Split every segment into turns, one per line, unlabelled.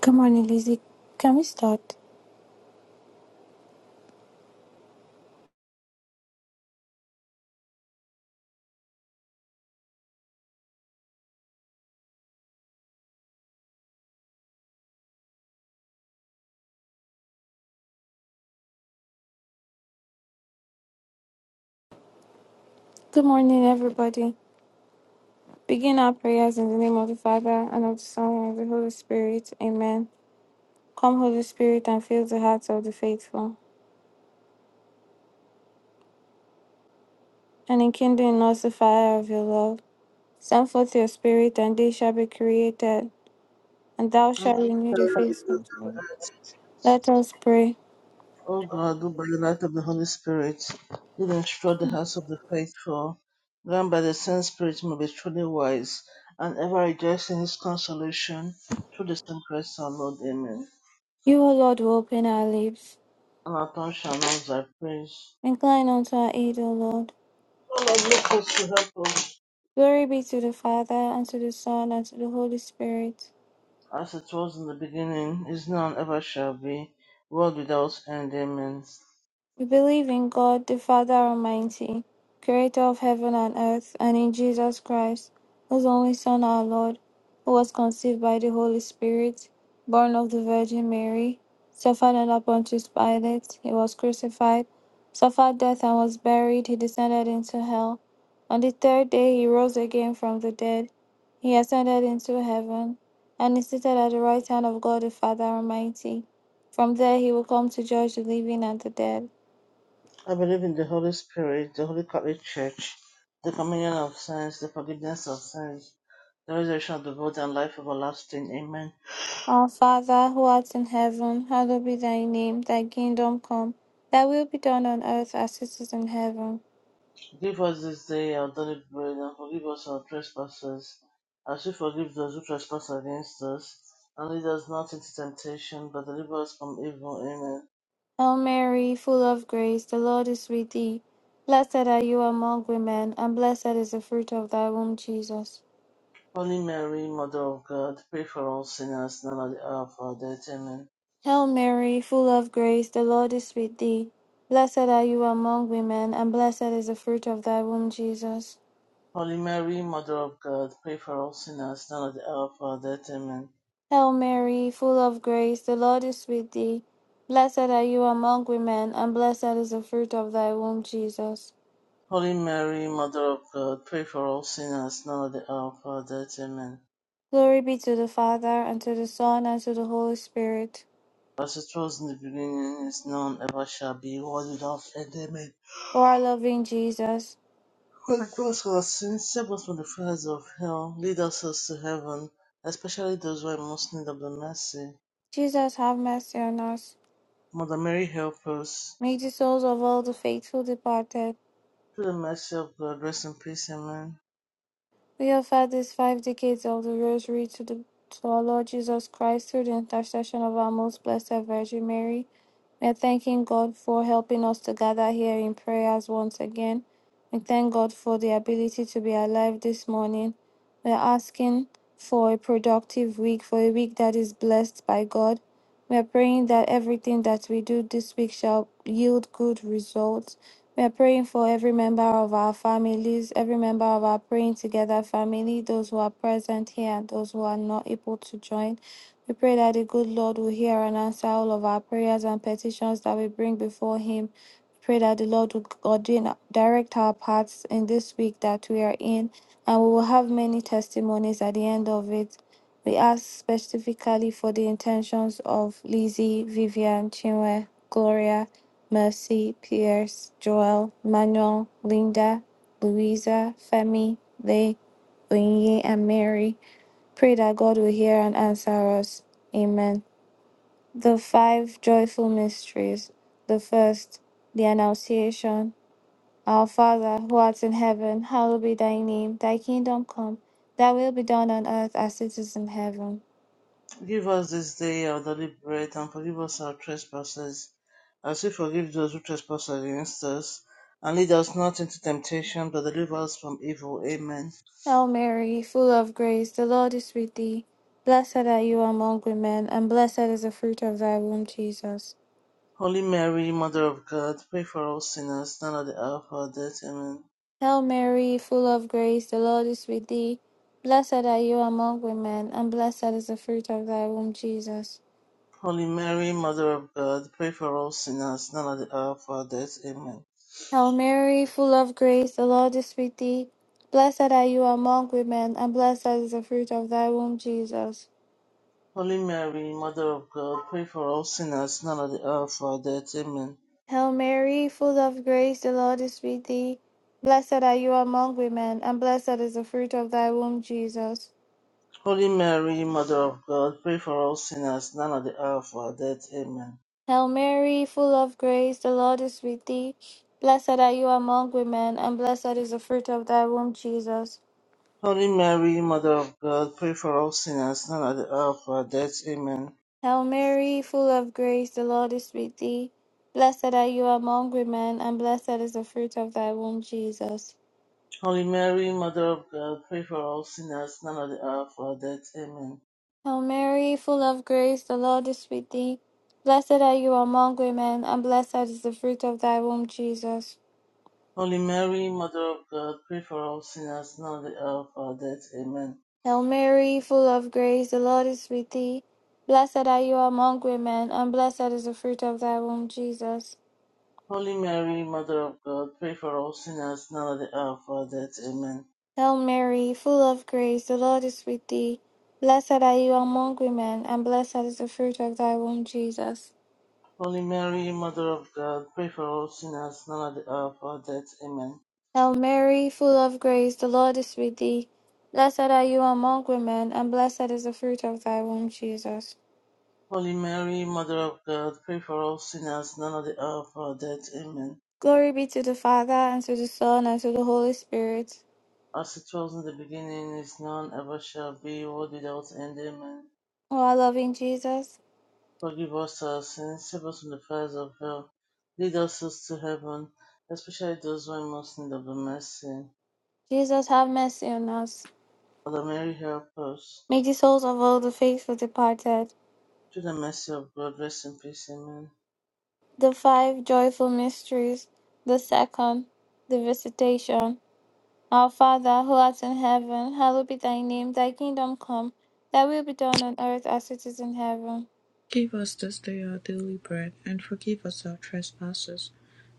Good morning, Lizzie. Can we start? Good morning, everybody. Begin our prayers in the name of the Father, and of the Son, and of the Holy Spirit. Amen. Come, Holy Spirit, and fill the hearts of the faithful, and enkindle in us the fire of your love. Send forth your Spirit, and they shall be created, and thou
And
shalt renew the
the
face
grace,
of the earth. Let us pray.
O God, who by the light of the Holy Spirit did instruct the hearts of the faithful, grant by the same Spirit may be truly wise and ever rejoice in His consolation through the same Christ our Lord. Amen.
You, O Lord, will open our lips.
And our tongue shall announce Thy praise.
Incline unto our aid, O Lord.
O Lord, look us to help us,
Glory be to the Father, and to the Son, and to the Holy Spirit
as it was in the beginning, is now, and ever shall be, world without end. Amen.
We believe in God, the Father Almighty, creator of heaven and earth, and in Jesus Christ, whose only Son, our Lord, who was conceived by the Holy Spirit, born of the Virgin Mary, suffered under Pontius Pilate, he was crucified, suffered death and was buried, he descended into hell. On the third day he rose again from the dead, he ascended into heaven, and is seated at the right hand of God the Father Almighty. From there he will come to judge the living and the dead.
I believe in the Holy Spirit, the Holy Catholic Church, the communion of saints, the forgiveness of sins the resurrection of the body and life everlasting. Amen.
Our Father who art in heaven, hallowed be thy name, thy kingdom come, thy will be done on earth as it is in heaven.
Give us this day our daily bread and forgive us our trespasses, as we forgive those who trespass against us. And lead us not into temptation, but deliver us from evil. Amen.
Hail Mary, full of grace, the Lord is with thee. Blessed are you among women, and blessed is the fruit of thy womb, Jesus.
Holy Mary, Mother of God, pray for all sinners, now and at the hour of our death. Amen.
Hail Mary, full of grace, the Lord is with thee. Blessed are you among women, and blessed is the fruit of thy womb, Jesus.
Holy Mary, Mother of God, pray for all sinners, now and at the hour of our death. Amen.
Hail Mary, full of grace, the Lord is with thee. Blessed are you among women, and blessed is the fruit of thy womb, Jesus.
Holy Mary, Mother of God, pray for all sinners, now and at the hour of our death. Amen.
Glory be to the Father, and to the Son, and to the Holy Spirit.
As it was in the beginning, is now, and ever shall be, world without end. Amen.
O our loving Jesus,
God cross our sins, save us from the fires of hell, lead us to heaven, especially those who are in most in need of the mercy.
Jesus, have mercy on us.
Mother Mary, help us.
May the souls of all the faithful departed,
Through the mercy of God, rest in peace. Amen.
we offer these five decades of the Rosary to, the, to our Lord Jesus Christ through the intercession of our most blessed Virgin Mary. We're thanking God for helping us to gather here in prayers once again. We thank God for the ability to be alive this morning. We're asking for a productive week, for a week that is blessed by God. We are praying that everything that we do this week shall yield good results. We are praying for every member of our families, every member of our praying together family, those who are present here and those who are not able to join. We pray that the good Lord will hear and answer all of our prayers and petitions that we bring before Him. We pray that the Lord will ordain, direct our paths in this week that we are in, and we will have many testimonies at the end of it. We ask specifically for the intentions of Lizzie, Vivian, Chinwe, Gloria, Mercy, Pierce, Joel, Manuel, Linda, Louisa, Femi, Lay, Onye, and Mary. Pray that God will hear and answer us. Amen. The five joyful mysteries. The first, the Annunciation. Our Father, who art in heaven, hallowed be thy name. Thy kingdom come, thy will be done on earth as it is in heaven.
Give us this day our daily bread, and forgive us our trespasses, as we forgive those who trespass against us. And lead us not into temptation, but deliver us from evil. Amen.
Hail Mary, full of grace, the Lord is with thee. Blessed are you among women, and blessed is the fruit of thy womb, Jesus.
Holy Mary, Mother of God, pray for us sinners, now at the hour of our death. Amen.
Hail Mary, full of grace, the Lord is with thee. Blessed are you among women, and blessed is the fruit of thy womb, Jesus.
Holy Mary, Mother of God, pray for us sinners, now at the hour of our death. Amen.
Hail Mary, full of grace, the Lord is with thee. Blessed are you among women, and blessed is the fruit of thy womb, Jesus.
Holy Mary, Mother of God, pray for us sinners, now at the hour of our death. Amen.
Hail Mary, full of grace, the Lord is with thee. Blessed are you among women, and blessed is the fruit of thy womb, Jesus.
Holy Mary, Mother of God, pray for us sinners, now at the hour of our death. Amen.
Hail Mary, full of grace, the Lord is with thee. Blessed are you among women, and blessed is the fruit of thy womb, Jesus.
Holy Mary, Mother of God, pray for us sinners, now at the hour of our death. Amen.
Hail Mary, full of grace, the Lord is with thee. Blessed are you among women, and blessed is the fruit of thy womb, Jesus.
Holy Mary, Mother of God, pray for us sinners, now at the hour of our death. Amen.
Hail Mary, full of grace, the Lord is with thee. Blessed are you among women, and blessed is the fruit of thy womb, Jesus.
Holy Mary, Mother of God, pray for all sinners now and at the hour of our death. Amen.
Hail Mary, full of grace, the Lord is with thee. Blessed are you among women, and blessed is the fruit of thy womb, Jesus.
Holy Mary, Mother of God, pray for all sinners now and at the hour of our death. Amen.
Hail Mary, full of grace, the Lord is with thee. Blessed are you among women, and blessed is the fruit of thy womb, Jesus.
Holy Mary, Mother of God, pray for all sinners now at the hour of our death. Amen.
Hail Mary, full of grace, the Lord is with thee. Blessed are you among women, and blessed is the fruit of thy womb, Jesus.
Holy Mary, Mother of God, pray for all sinners now and at the hour of our death. Amen.
Glory be to the Father, and to the Son, and to the Holy Spirit.
As it was in the beginning, is now, and ever shall be, world without end. Amen.
O our loving Jesus,
Forgive us our sins, save us from the fires of hell, lead us souls to heaven, especially those who are most in need of the mercy.
Jesus, have mercy on us.
Mother Mary, help us.
May the souls of all the faithful departed,
Through the mercy of God, rest in peace. Amen.
the five joyful mysteries, the second, the visitation. Our Father, who art in heaven, hallowed be thy name, thy kingdom come, thy will be done on earth as it is in heaven.
Give us this day our daily bread, and forgive us our trespasses,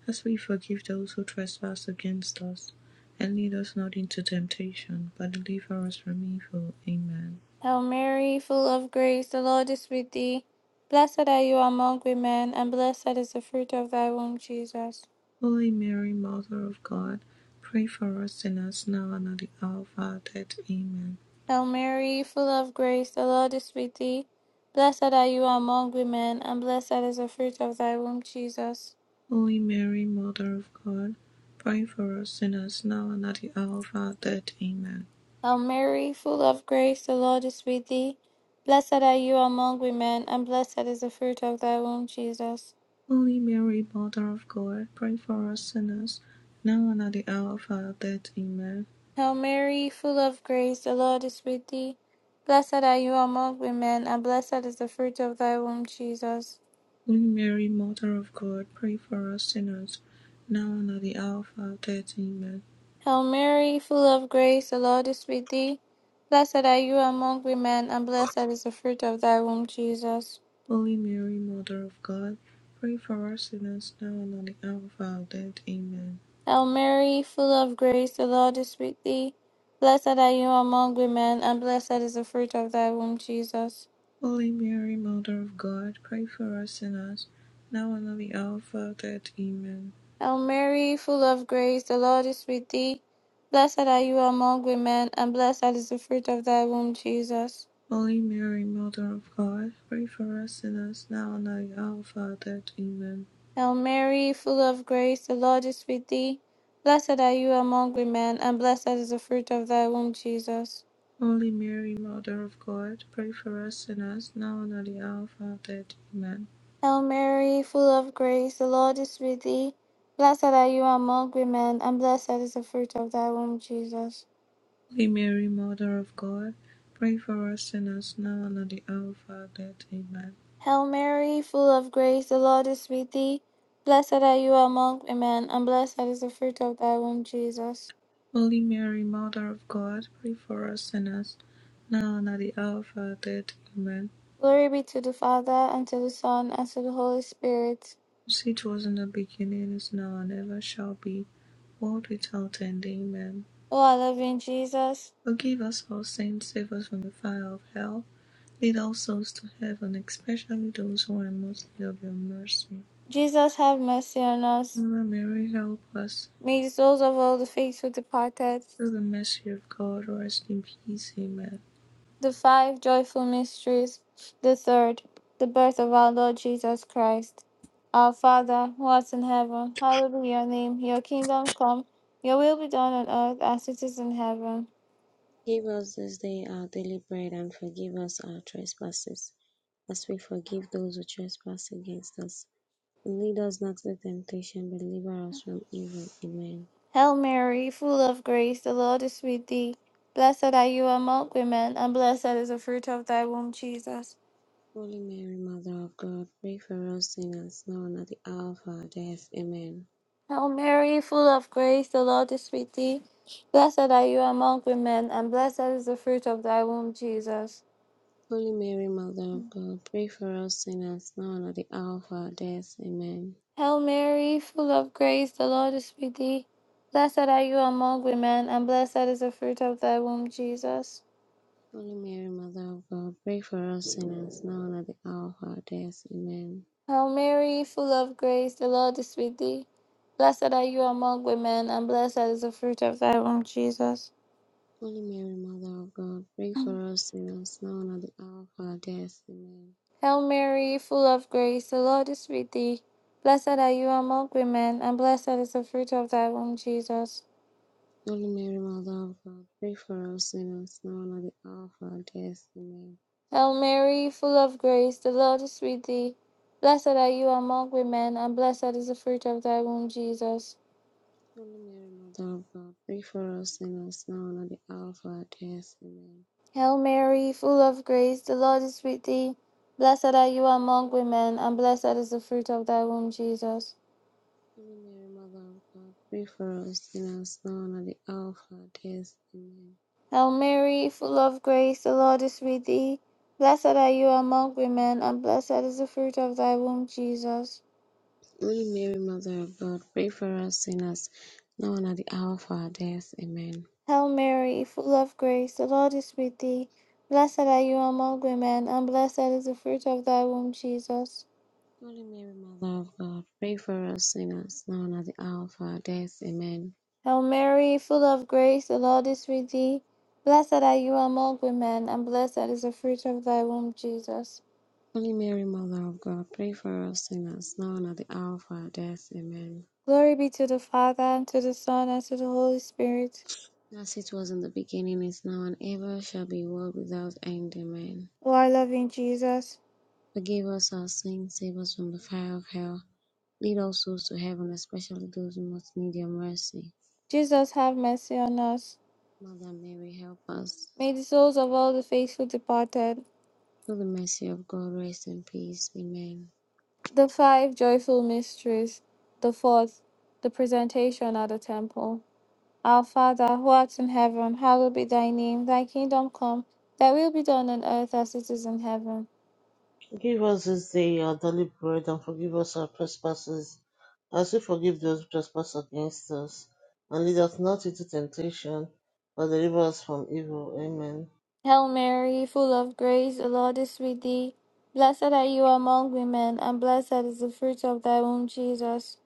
as we forgive those who trespass against us. And lead us not into temptation, but deliver us from evil. Amen.
Hail Mary, full of grace, the Lord is with thee. Blessed are you among women, and blessed is the fruit of thy womb, Jesus.
Holy Mary, Mother of God, pray for us sinners now and at the hour of our death. Amen.
Hail Mary, full of grace, the Lord is with thee. Blessed are you among women, and blessed is the fruit of thy womb, Jesus.
Holy Mary, Mother of God, pray for us sinners now and at the hour of our death. Amen.
Hail Mary, full of grace, the Lord is with thee. Blessed are you among women, and blessed is the fruit of thy womb, Jesus.
Holy Mary, Mother of God, pray for us sinners now and at the hour of our death. Amen.
Hail Mary, full of grace, the Lord is with thee. Blessed are you among women, and blessed is the fruit of thy womb, Jesus.
Holy Mary, Mother of God, pray for us sinners, now and at the hour of our death. Amen.
Hail Mary, full of grace, the Lord is with thee. Blessed are you among women, and blessed is the fruit of thy womb, Jesus.
Holy Mary, Mother of God, pray for us sinners, now and at the hour of our death. Amen.
Hail Mary, full of grace, the Lord is with thee. Blessed are you among women, and blessed is the fruit of thy womb, Jesus.
Holy Mary, Mother of God, pray for us sinners, now and at the hour of our death. Amen.
Hail Mary, full of grace, the Lord is with thee. Blessed are you among women, and blessed is the fruit of thy womb, Jesus.
Holy Mary, Mother of God, pray for us sinners, now and at the hour of our death. Amen.
Hail Mary, full of grace, the Lord is with thee. Blessed are you among women, and blessed is the fruit of thy womb, Jesus.
Holy Mary, Mother of God, pray for us sinners, now and at the hour of our death. Amen.
Hail Mary, full of grace, the Lord is with thee. Blessed are you among women, and blessed is the fruit of thy womb, Jesus.
Holy Mary, Mother of God, pray for us sinners now and at the hour of our death. Amen.
Hail Mary, full of grace, the Lord is with thee. Blessed are you among women, and blessed is the fruit of thy womb, Jesus.
Holy Mary, Mother of God, pray for us sinners now and at the hour of our death. Amen.
Glory be to the Father, and to the Son, and to the Holy Spirit.
As it was in the beginning, is now, and ever shall be, world without end. Amen.
O our loving Jesus,
Forgive us our sins, save us from the fire of hell. Lead all souls to heaven, especially those who are most in need of your mercy.
Jesus, have mercy on us.
Mother Mary, help us.
May the souls of all the faithful departed,
Through the mercy of God, rest in peace. Amen.
the five joyful mysteries, the third, the birth of our Lord Jesus Christ. Our Father, who art in heaven, hallowed be your name. Your kingdom come, your will be done on earth as it is in heaven.
Give us this day our daily bread, and forgive us our trespasses, as we forgive those who trespass against us. And lead us not into temptation, but deliver us from evil. Amen.
Hail Mary, full of grace, the Lord is with thee. Blessed are you among women, and blessed is the fruit of thy womb, Jesus.
Holy Mary, Mother of God, pray for us sinners, now and at the hour of our death. Amen.
Hail Mary, full of grace, the Lord is with thee. Blessed are you among women, and blessed is the fruit of thy womb, Jesus.
Holy Mary, Mother of God, pray for us sinners, now and at the hour of our death. Amen.
Hail Mary, full of grace, the Lord is with thee. Blessed are you among women, and blessed is the fruit of thy womb, Jesus.
Holy Mary, Mother of God, pray for us sinners, now and at the hour of our death. Amen.
Hail Mary, full of grace, the Lord is with thee. Blessed are you among women, and blessed is the fruit of thy womb, Jesus.
Holy Mary, Mother of God, pray for us sinners, now and at the hour of our death. Amen.
Hail Mary, full of grace, the Lord is with thee. Blessed are you among women, and blessed is the fruit of thy womb, Jesus.
Holy Mary, Mother of God, pray for us sinners, now and at the hour of our death. Amen.
Hail Mary, full of grace, the Lord is with thee. Blessed are you among women, and blessed is the fruit of thy womb, Jesus.
Holy Mary, Mother of God, pray for us sinners, now and at the hour of our death. Amen.
Hail Mary, full of grace, the Lord is with thee. Blessed are you among women, and blessed is the fruit of thy womb, Jesus.
Holy Mary, Mother of God, pray for us sinners, now and at the hour of our death. Amen.
Hail Mary, full of grace, the Lord is with thee. Blessed are you among women, and blessed is the fruit of thy womb, Jesus.
Holy Mary, Mother of God, pray for us sinners, now and at the hour of our death. Amen.
Hail Mary, full of grace, the Lord is with thee. Blessed are you among women, and blessed is the fruit of thy womb, Jesus.
Holy Mary, Mother of God, pray for us sinners, now and at the hour of our death. Amen.
Hail Mary, full of grace, the Lord is with thee. Blessed are you among women, and blessed is the fruit of thy womb, Jesus.
Holy Mary, Mother of God, pray for us sinners, now and at the hour of our death. Amen.
Glory be to the Father, and to the Son, and to the Holy Spirit.
As it was in the beginning, is now, and ever shall be, world without end. Amen.
O our loving Jesus,
Forgive us our sins, save us from the fire of hell. Lead all souls to heaven, especially those who most need your mercy.
Jesus, have mercy on us.
Mother Mary, help us.
May the souls of all the faithful departed,
Through the mercy of God, rest in peace. Amen.
The five joyful mysteries. The fourth, the presentation at the temple. Our Father, who art in heaven, hallowed be thy name. Thy kingdom come, thy will be done on earth as it is in heaven.
Give us this day our daily bread, and forgive us our trespasses, as we forgive those who trespass against us. And lead us not into temptation, but deliver us from evil. Amen.
Hail Mary, full of grace, the Lord is with thee. Blessed are you among women, and blessed is the fruit of thy womb, Jesus.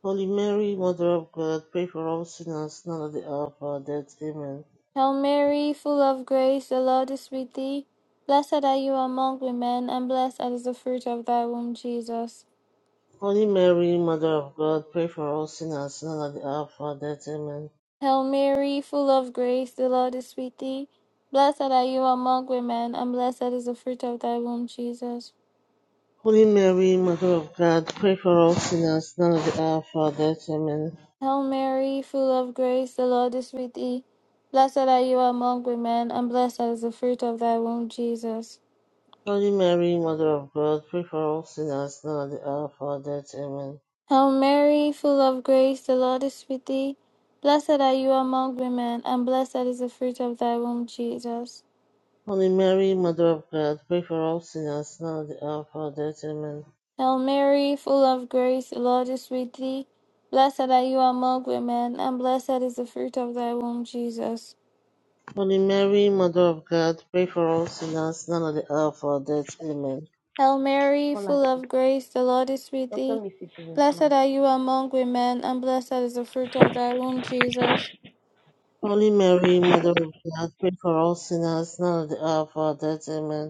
Holy Mary, Mother of God, pray for all sinners, now and at the hour of our death. Amen.
Hail Mary, full of grace, the Lord is with thee. Blessed are you among women, and blessed is the fruit of thy womb, Jesus.
Holy Mary, Mother of God, pray for all sinners now at the hour of our death. Amen.
Hail Mary, full of grace, the Lord is with thee. Blessed are you among women, and blessed is the fruit of thy womb, Jesus.
Holy Mary, Mother of God, pray for all sinners now at the hour of our death. Amen.
Hail Mary, full of grace, the Lord is with thee. Blessed are you among women, and blessed is the fruit of thy womb, Jesus.
Holy Mary, Mother of God, pray for all sinners now at the hour of our death. Amen.
Hail Mary, full of grace, the Lord is with thee. Blessed are you among women, and blessed is the fruit of thy womb, Jesus.
Holy Mary, Mother of God, pray for all sinners now at the hour of our death. Amen.
Hail Mary, full of grace, the Lord is with thee. Blessed are you among women, and blessed is the fruit of thy womb, Jesus.
Holy Mary, Mother of God, pray for all sinners now at the hour of our death. Amen.
Hail Mary,
Paula
full
Chief.
of grace, the Lord is with
Dr.
thee.
Missy please.
Blessed are you among women, and blessed is the fruit of thy womb, Jesus.
Holy Mary, Mother of God, pray for all sinners now at the hour of our death. Amen.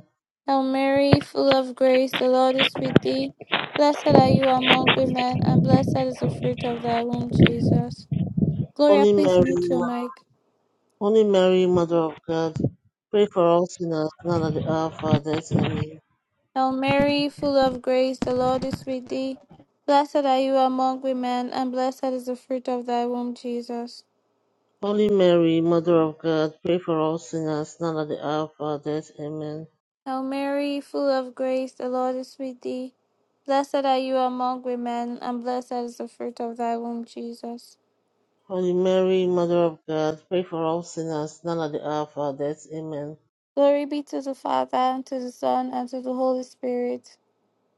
Hail Mary, full of grace, the Lord is with thee. Blessed are you among women, and blessed is the fruit of thy womb, Jesus. Gloria,
Holy
please mute your
Mary,
mic.
Holy Mary, Mother of God, pray for us sinners now at the hour of our death. Amen.
Hail Mary, full of grace, the Lord is with thee. Blessed are you among women, and blessed is the fruit of thy womb, Jesus.
Holy Mary, Mother of God, pray for us sinners now at the hour of our death. Amen.
Hail Mary, full of grace, the Lord is with thee. Blessed are you among women, and blessed is the fruit of thy womb, Jesus.
Holy Mary, Mother of God, pray for us sinners now at the hour of our death. Amen.
Glory be to the Father, and to the Son, and to the Holy Spirit.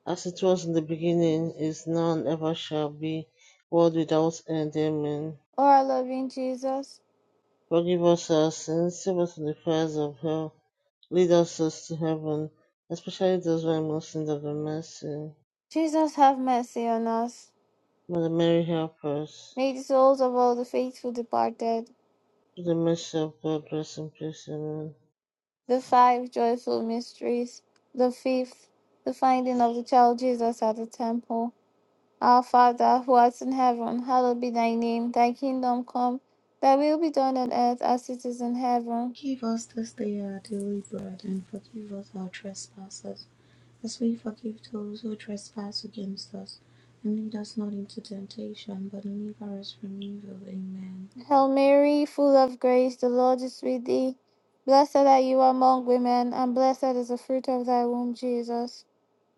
As it was in the beginning, is now and ever shall be, world without end. Amen.
O our loving Jesus,
Forgive us our sins, save us from the fires of hell, lead us souls to heaven, especially those who are most in need of your mercy.
Jesus, have mercy on us.
Mother Mary, help us.
May the souls of all the faithful departed
Through the mercy of God, rest in peace. Amen.
the five joyful mysteries, the fifth, the finding of the child Jesus at the temple. Our Father, who art in heaven, hallowed be thy name. Thy kingdom come, thy will be done on earth as it is in heaven.
Give us this day our daily bread, and forgive us our trespasses, as we forgive those who trespass against us. And lead us not into temptation, but deliver us from evil. Amen.
Hail Mary, full of grace, the Lord is with thee. Blessed are you among women, and blessed is the fruit of thy womb, Jesus.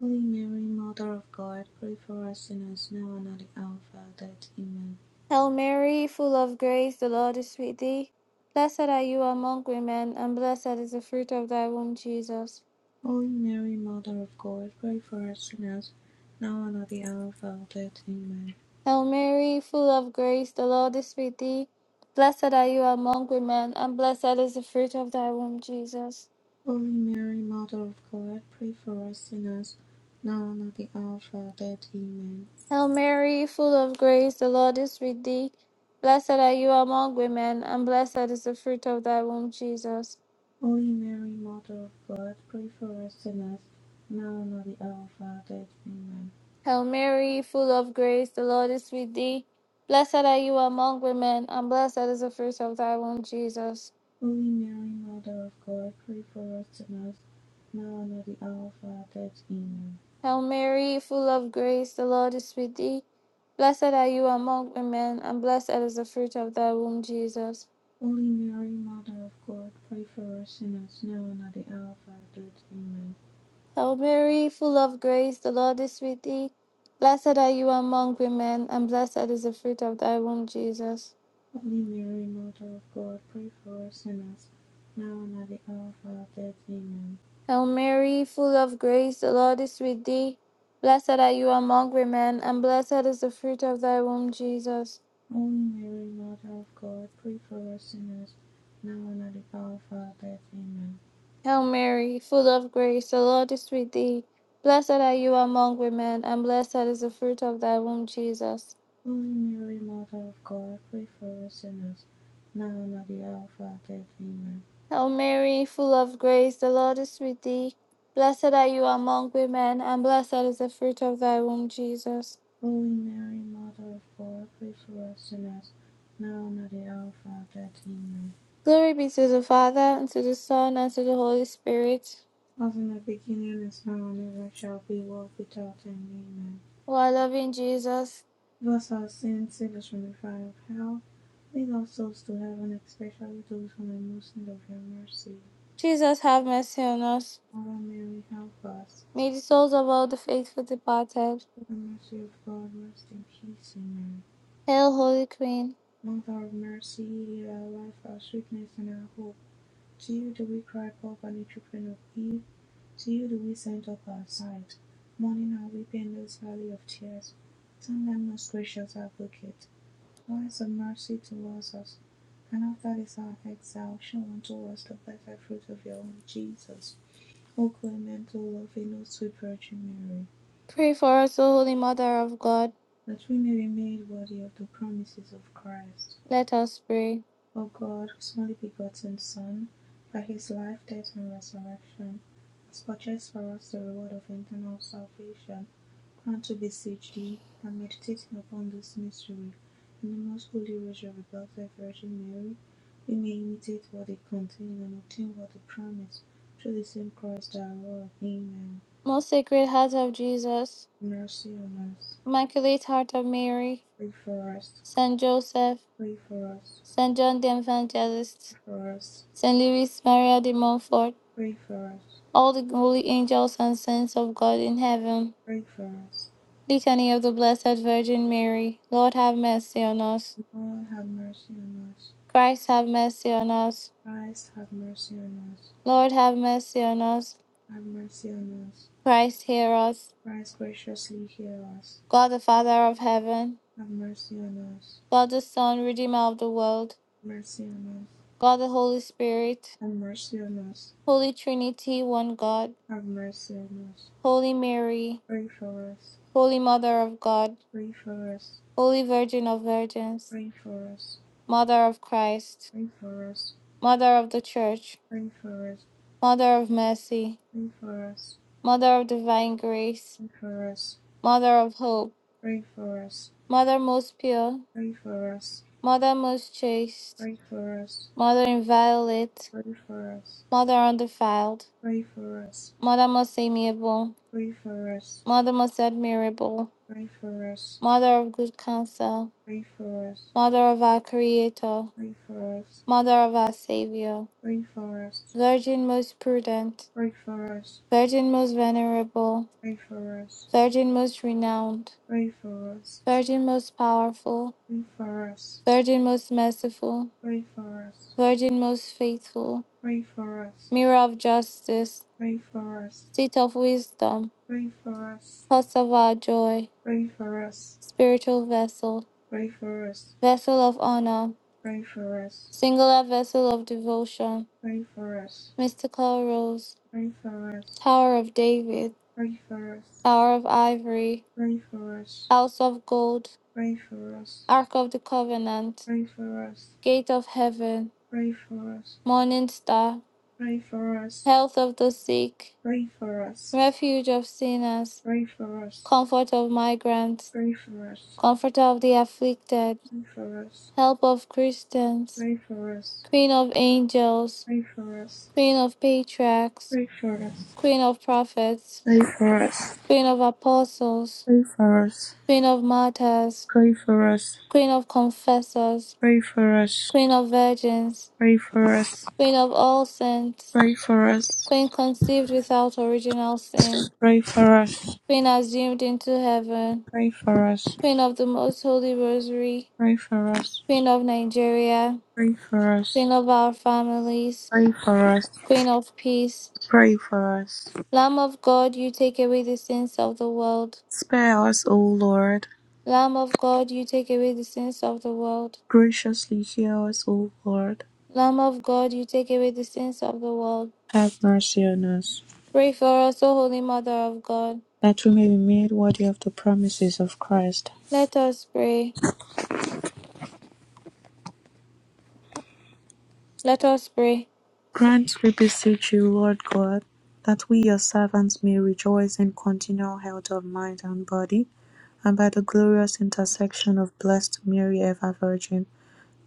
Holy Mary, Mother of God, pray for us sinners now and at the hour of our death. Amen.
Hail Mary, full of grace, the Lord is with thee. Blessed are you among women, and blessed is the fruit of thy womb, Jesus.
Holy Mary, Mother of God, pray for us sinners now and at the hour of our death. Amen.
Hail Mary, full of grace, the Lord is with thee. Blessed are you among women, and blessed is the fruit of thy womb, Jesus.
Holy Mary, Mother of God, pray for us sinners now and at the hour of our death. Amen.
Hail Mary, full of grace, the Lord is with thee. Blessed are you among women, and blessed is the fruit of thy womb, Jesus.
Holy Mary, Mother of God, pray for us sinners, now and at the hour of our death. Amen.
Hail Mary, full of grace, the Lord is with thee. Blessed are you among women, and blessed is the fruit of thy womb, Jesus.
Holy Mary, Mother of God, pray for us sinners, now and at the hour of our death. Amen.
Hail Mary, full of grace, the Lord is with thee. Blessed are you among women, and blessed is the fruit of thy womb, Jesus.
Holy Mary, Mother of God, pray for us sinners, now and at the hour of our death. Amen.
Hail Mary, full of grace, the Lord is with thee. Blessed are you among women, and blessed is the fruit of thy womb, Jesus.
Holy Mary, Mother of God, pray for us sinners, now and at the hour of our death. Amen.
Hail Mary, full of grace, the Lord is with thee. Blessed are you among women, and blessed is the fruit of thy womb, Jesus.
Holy Mary, Mother of God, pray for us sinners, now and at the hour of our death. Amen.
Hail Mary, full of grace, the Lord is with thee. Blessed are you among women, and blessed is the fruit of thy womb, Jesus.
Holy Mary, Mother of God, pray for us sinners, now and at the hour of our death. Amen.
Hail Mary, full of grace, the Lord is with thee. Blessed are you among women, and blessed is the fruit of thy womb, Jesus.
Holy Mary, Mother of God, pray for us sinners, now and at the hour of our death. Amen.
Glory be to the Father, and to the Son, and to the Holy Spirit.
As in the beginning, is now, and ever shall be, world without end. Amen.
O our loving Jesus,
Give us our sins, save us from the fire of hell. Lead our souls to heaven, especially those who are most in need of your mercy.
Jesus, have mercy on us.
Mother Mary, help us.
May the souls of all the faithful departed.
For the mercy of God, rest in peace. Amen.
Hail, Holy Queen.
Mother of mercy, hear our life, our sweetness, and our hope. To you do we cry, poor and children of Eve. To you do we send up our sight, mourning and weeping in this valley of tears. Turn them, most gracious advocate, eyes of mercy towards us, and after this our exile, show unto us the blessed fruit of your own Jesus. O clement, O loving, O sweet Virgin Mary,
Pray for us, O Holy Mother of God.
that we may be made worthy of the promises of Christ.
Let us pray.
O God, whose only begotten Son, by his life, death, and resurrection, has purchased for us the reward of eternal salvation, grant, to beseech thee, that meditating upon this mystery in the most holy rosary of the Blessed Virgin Mary, we may imitate what they contain and obtain what they promise, through the same Christ our Lord. Amen.
Most Sacred Heart of Jesus,
mercy on us.
Immaculate Heart of Mary,
Pray for us.
Saint Joseph,
Pray for us.
Saint John the Evangelist,
Pray for us.
Saint Louis Maria de Montfort,
Pray for us.
all the holy angels and saints of God in heaven.
Pray for us.
Litany of the Blessed Virgin Mary, Lord have mercy on us.
Lord, have mercy on us.
Christ have mercy on us.
Christ, have mercy on us.
Lord have mercy on us.
Have mercy on us.
Christ hear us.
Christ, graciously hear us.
God the Father of heaven,
Have mercy on us.
God the Son, Redeemer of the world,
Mercy on us.
God the Holy Spirit,
Have mercy on us.
Holy Trinity, one God,
Have mercy on us.
Holy Mary,
Pray for us.
Holy Mother of God,
Pray for us.
Holy Virgin of Virgins,
Pray for us.
Mother of Christ,
Pray for us.
Mother of the Church,
Pray for us.
Mother of Mercy,
Pray for us.
Mother of Divine Grace, Mother of Hope,
Pray for us.
Mother most pure,
Pray for us.
Mother most chaste,
Pray for us.
Mother inviolate,
Pray for us.
Mother undefiled,
Pray for us.
Mother most amiable,
Pray for us. Pray for us.
Mother most admirable,
Pray for us.
Mother of good counsel,
Pray for us.
Mother of our Creator,
Pray for us.
Mother of our Savior.
Pray for us.
Virgin most prudent,
Pray for us.
Virgin most venerable,
Pray for us.
Virgin most renowned,
Pray for us.
Virgin most powerful,
Pray for us.
Virgin most merciful,
Pray for us.
Virgin most faithful,
Pray for us.
Mirror of justice, Seat of wisdom,
Pray for us.
Cause of our joy,
Pray for us.
Spiritual vessel,
Pray for us.
Vessel of honor,
Pray for us.
Singular vessel of devotion,
Pray for us.
Mystical rose,
Pray for us.
Tower of David,
Pray for us.
Tower of ivory,
Pray for us.
House of gold,
Pray for us.
Ark of the covenant,
Pray for us.
Gate of heaven.
Pray for us.
morning star,
Pray for us.
health of the sick,
Pray for us. Pray for us.
refuge of sinners,
Pray for us.
comfort of migrants,
Pray for us.
comforter of the afflicted,
Pray for us.
help of Christians,
Pray for us.
queen of angels,
Pray for us.
queen of patriarchs,
Pray for us.
queen of prophets,
Pray for us.
queen of apostles,
Pray for us.
queen of martyrs,
Pray for us.
queen of confessors,
Pray for us.
queen of virgins,
Pray for us.
queen of all saints,
Pray for us.
queen conceived without original sin,
Pray for us.
queen assumed into heaven,
Pray for us.
Queen of the Most Holy Rosary,
Pray for us.
Queen of Nigeria,
Pray for us.
Queen of our families,
Pray for us.
Queen of Peace,
Pray for us.
Lamb of God, you take away the sins of the world.
Spare us, O Lord.
Lamb of God, you take away the sins of the world.
Graciously hear us, O Lord.
Lamb of God, you take away the sins of the world.
Have mercy on us,
Pray for us, O Holy Mother of God.
that we may be made worthy of the promises of Christ.
Let us pray. Let us pray.
Grant, we beseech you, Lord God, that we your servants may rejoice in continual health of mind and body, and by the glorious intercession of blessed Mary, ever Virgin,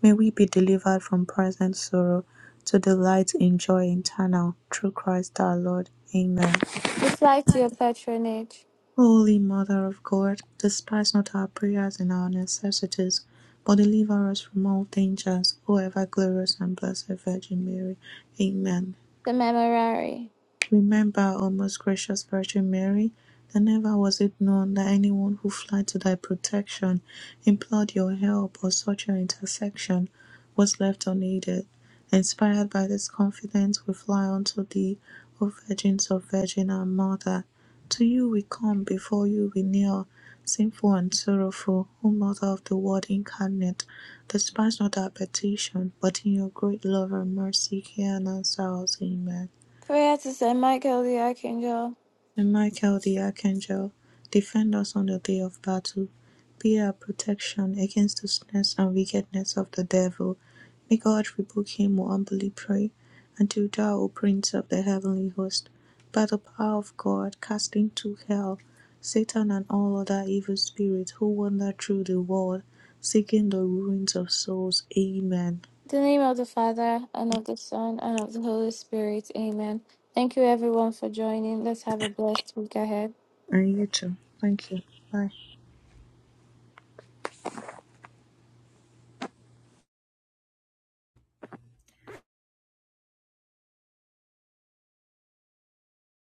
may we be delivered from present sorrow to delight in joy eternal, through Christ our Lord. Amen.
Reply to your patronage.
Holy Mother of God, despise not our prayers and our necessities, but deliver us from all dangers, O ever glorious and blessed Virgin Mary. Amen.
The Memorare.
Remember, O most gracious Virgin Mary, that never was it known that anyone who fled to thy protection, implored your help, or sought your intercession, was left unaided. Inspired by this confidence, we fly unto thee, O Virgins of Virgin, our Mother. To you we come, before you we kneel, sinful and sorrowful, O Mother of the Word incarnate. Despise not our petition, but in your great love and mercy hear and answer us. Amen.
Prayer to Saint Michael the Archangel.
And Michael the Archangel, defend us on the day of battle. Be our protection against the snares and wickedness of the devil. May God rebuke him who humbly pray. Until thou, O Prince of the heavenly host, by the power of God, cast into hell Satan and all other evil spirits who wander through the world, seeking the ruins of souls. Amen.
In the name of the Father, and of the Son, and of the Holy Spirit. Amen. Thank you, everyone, for joining. Let's have a blessed week ahead.
And you too. Thank you. Bye.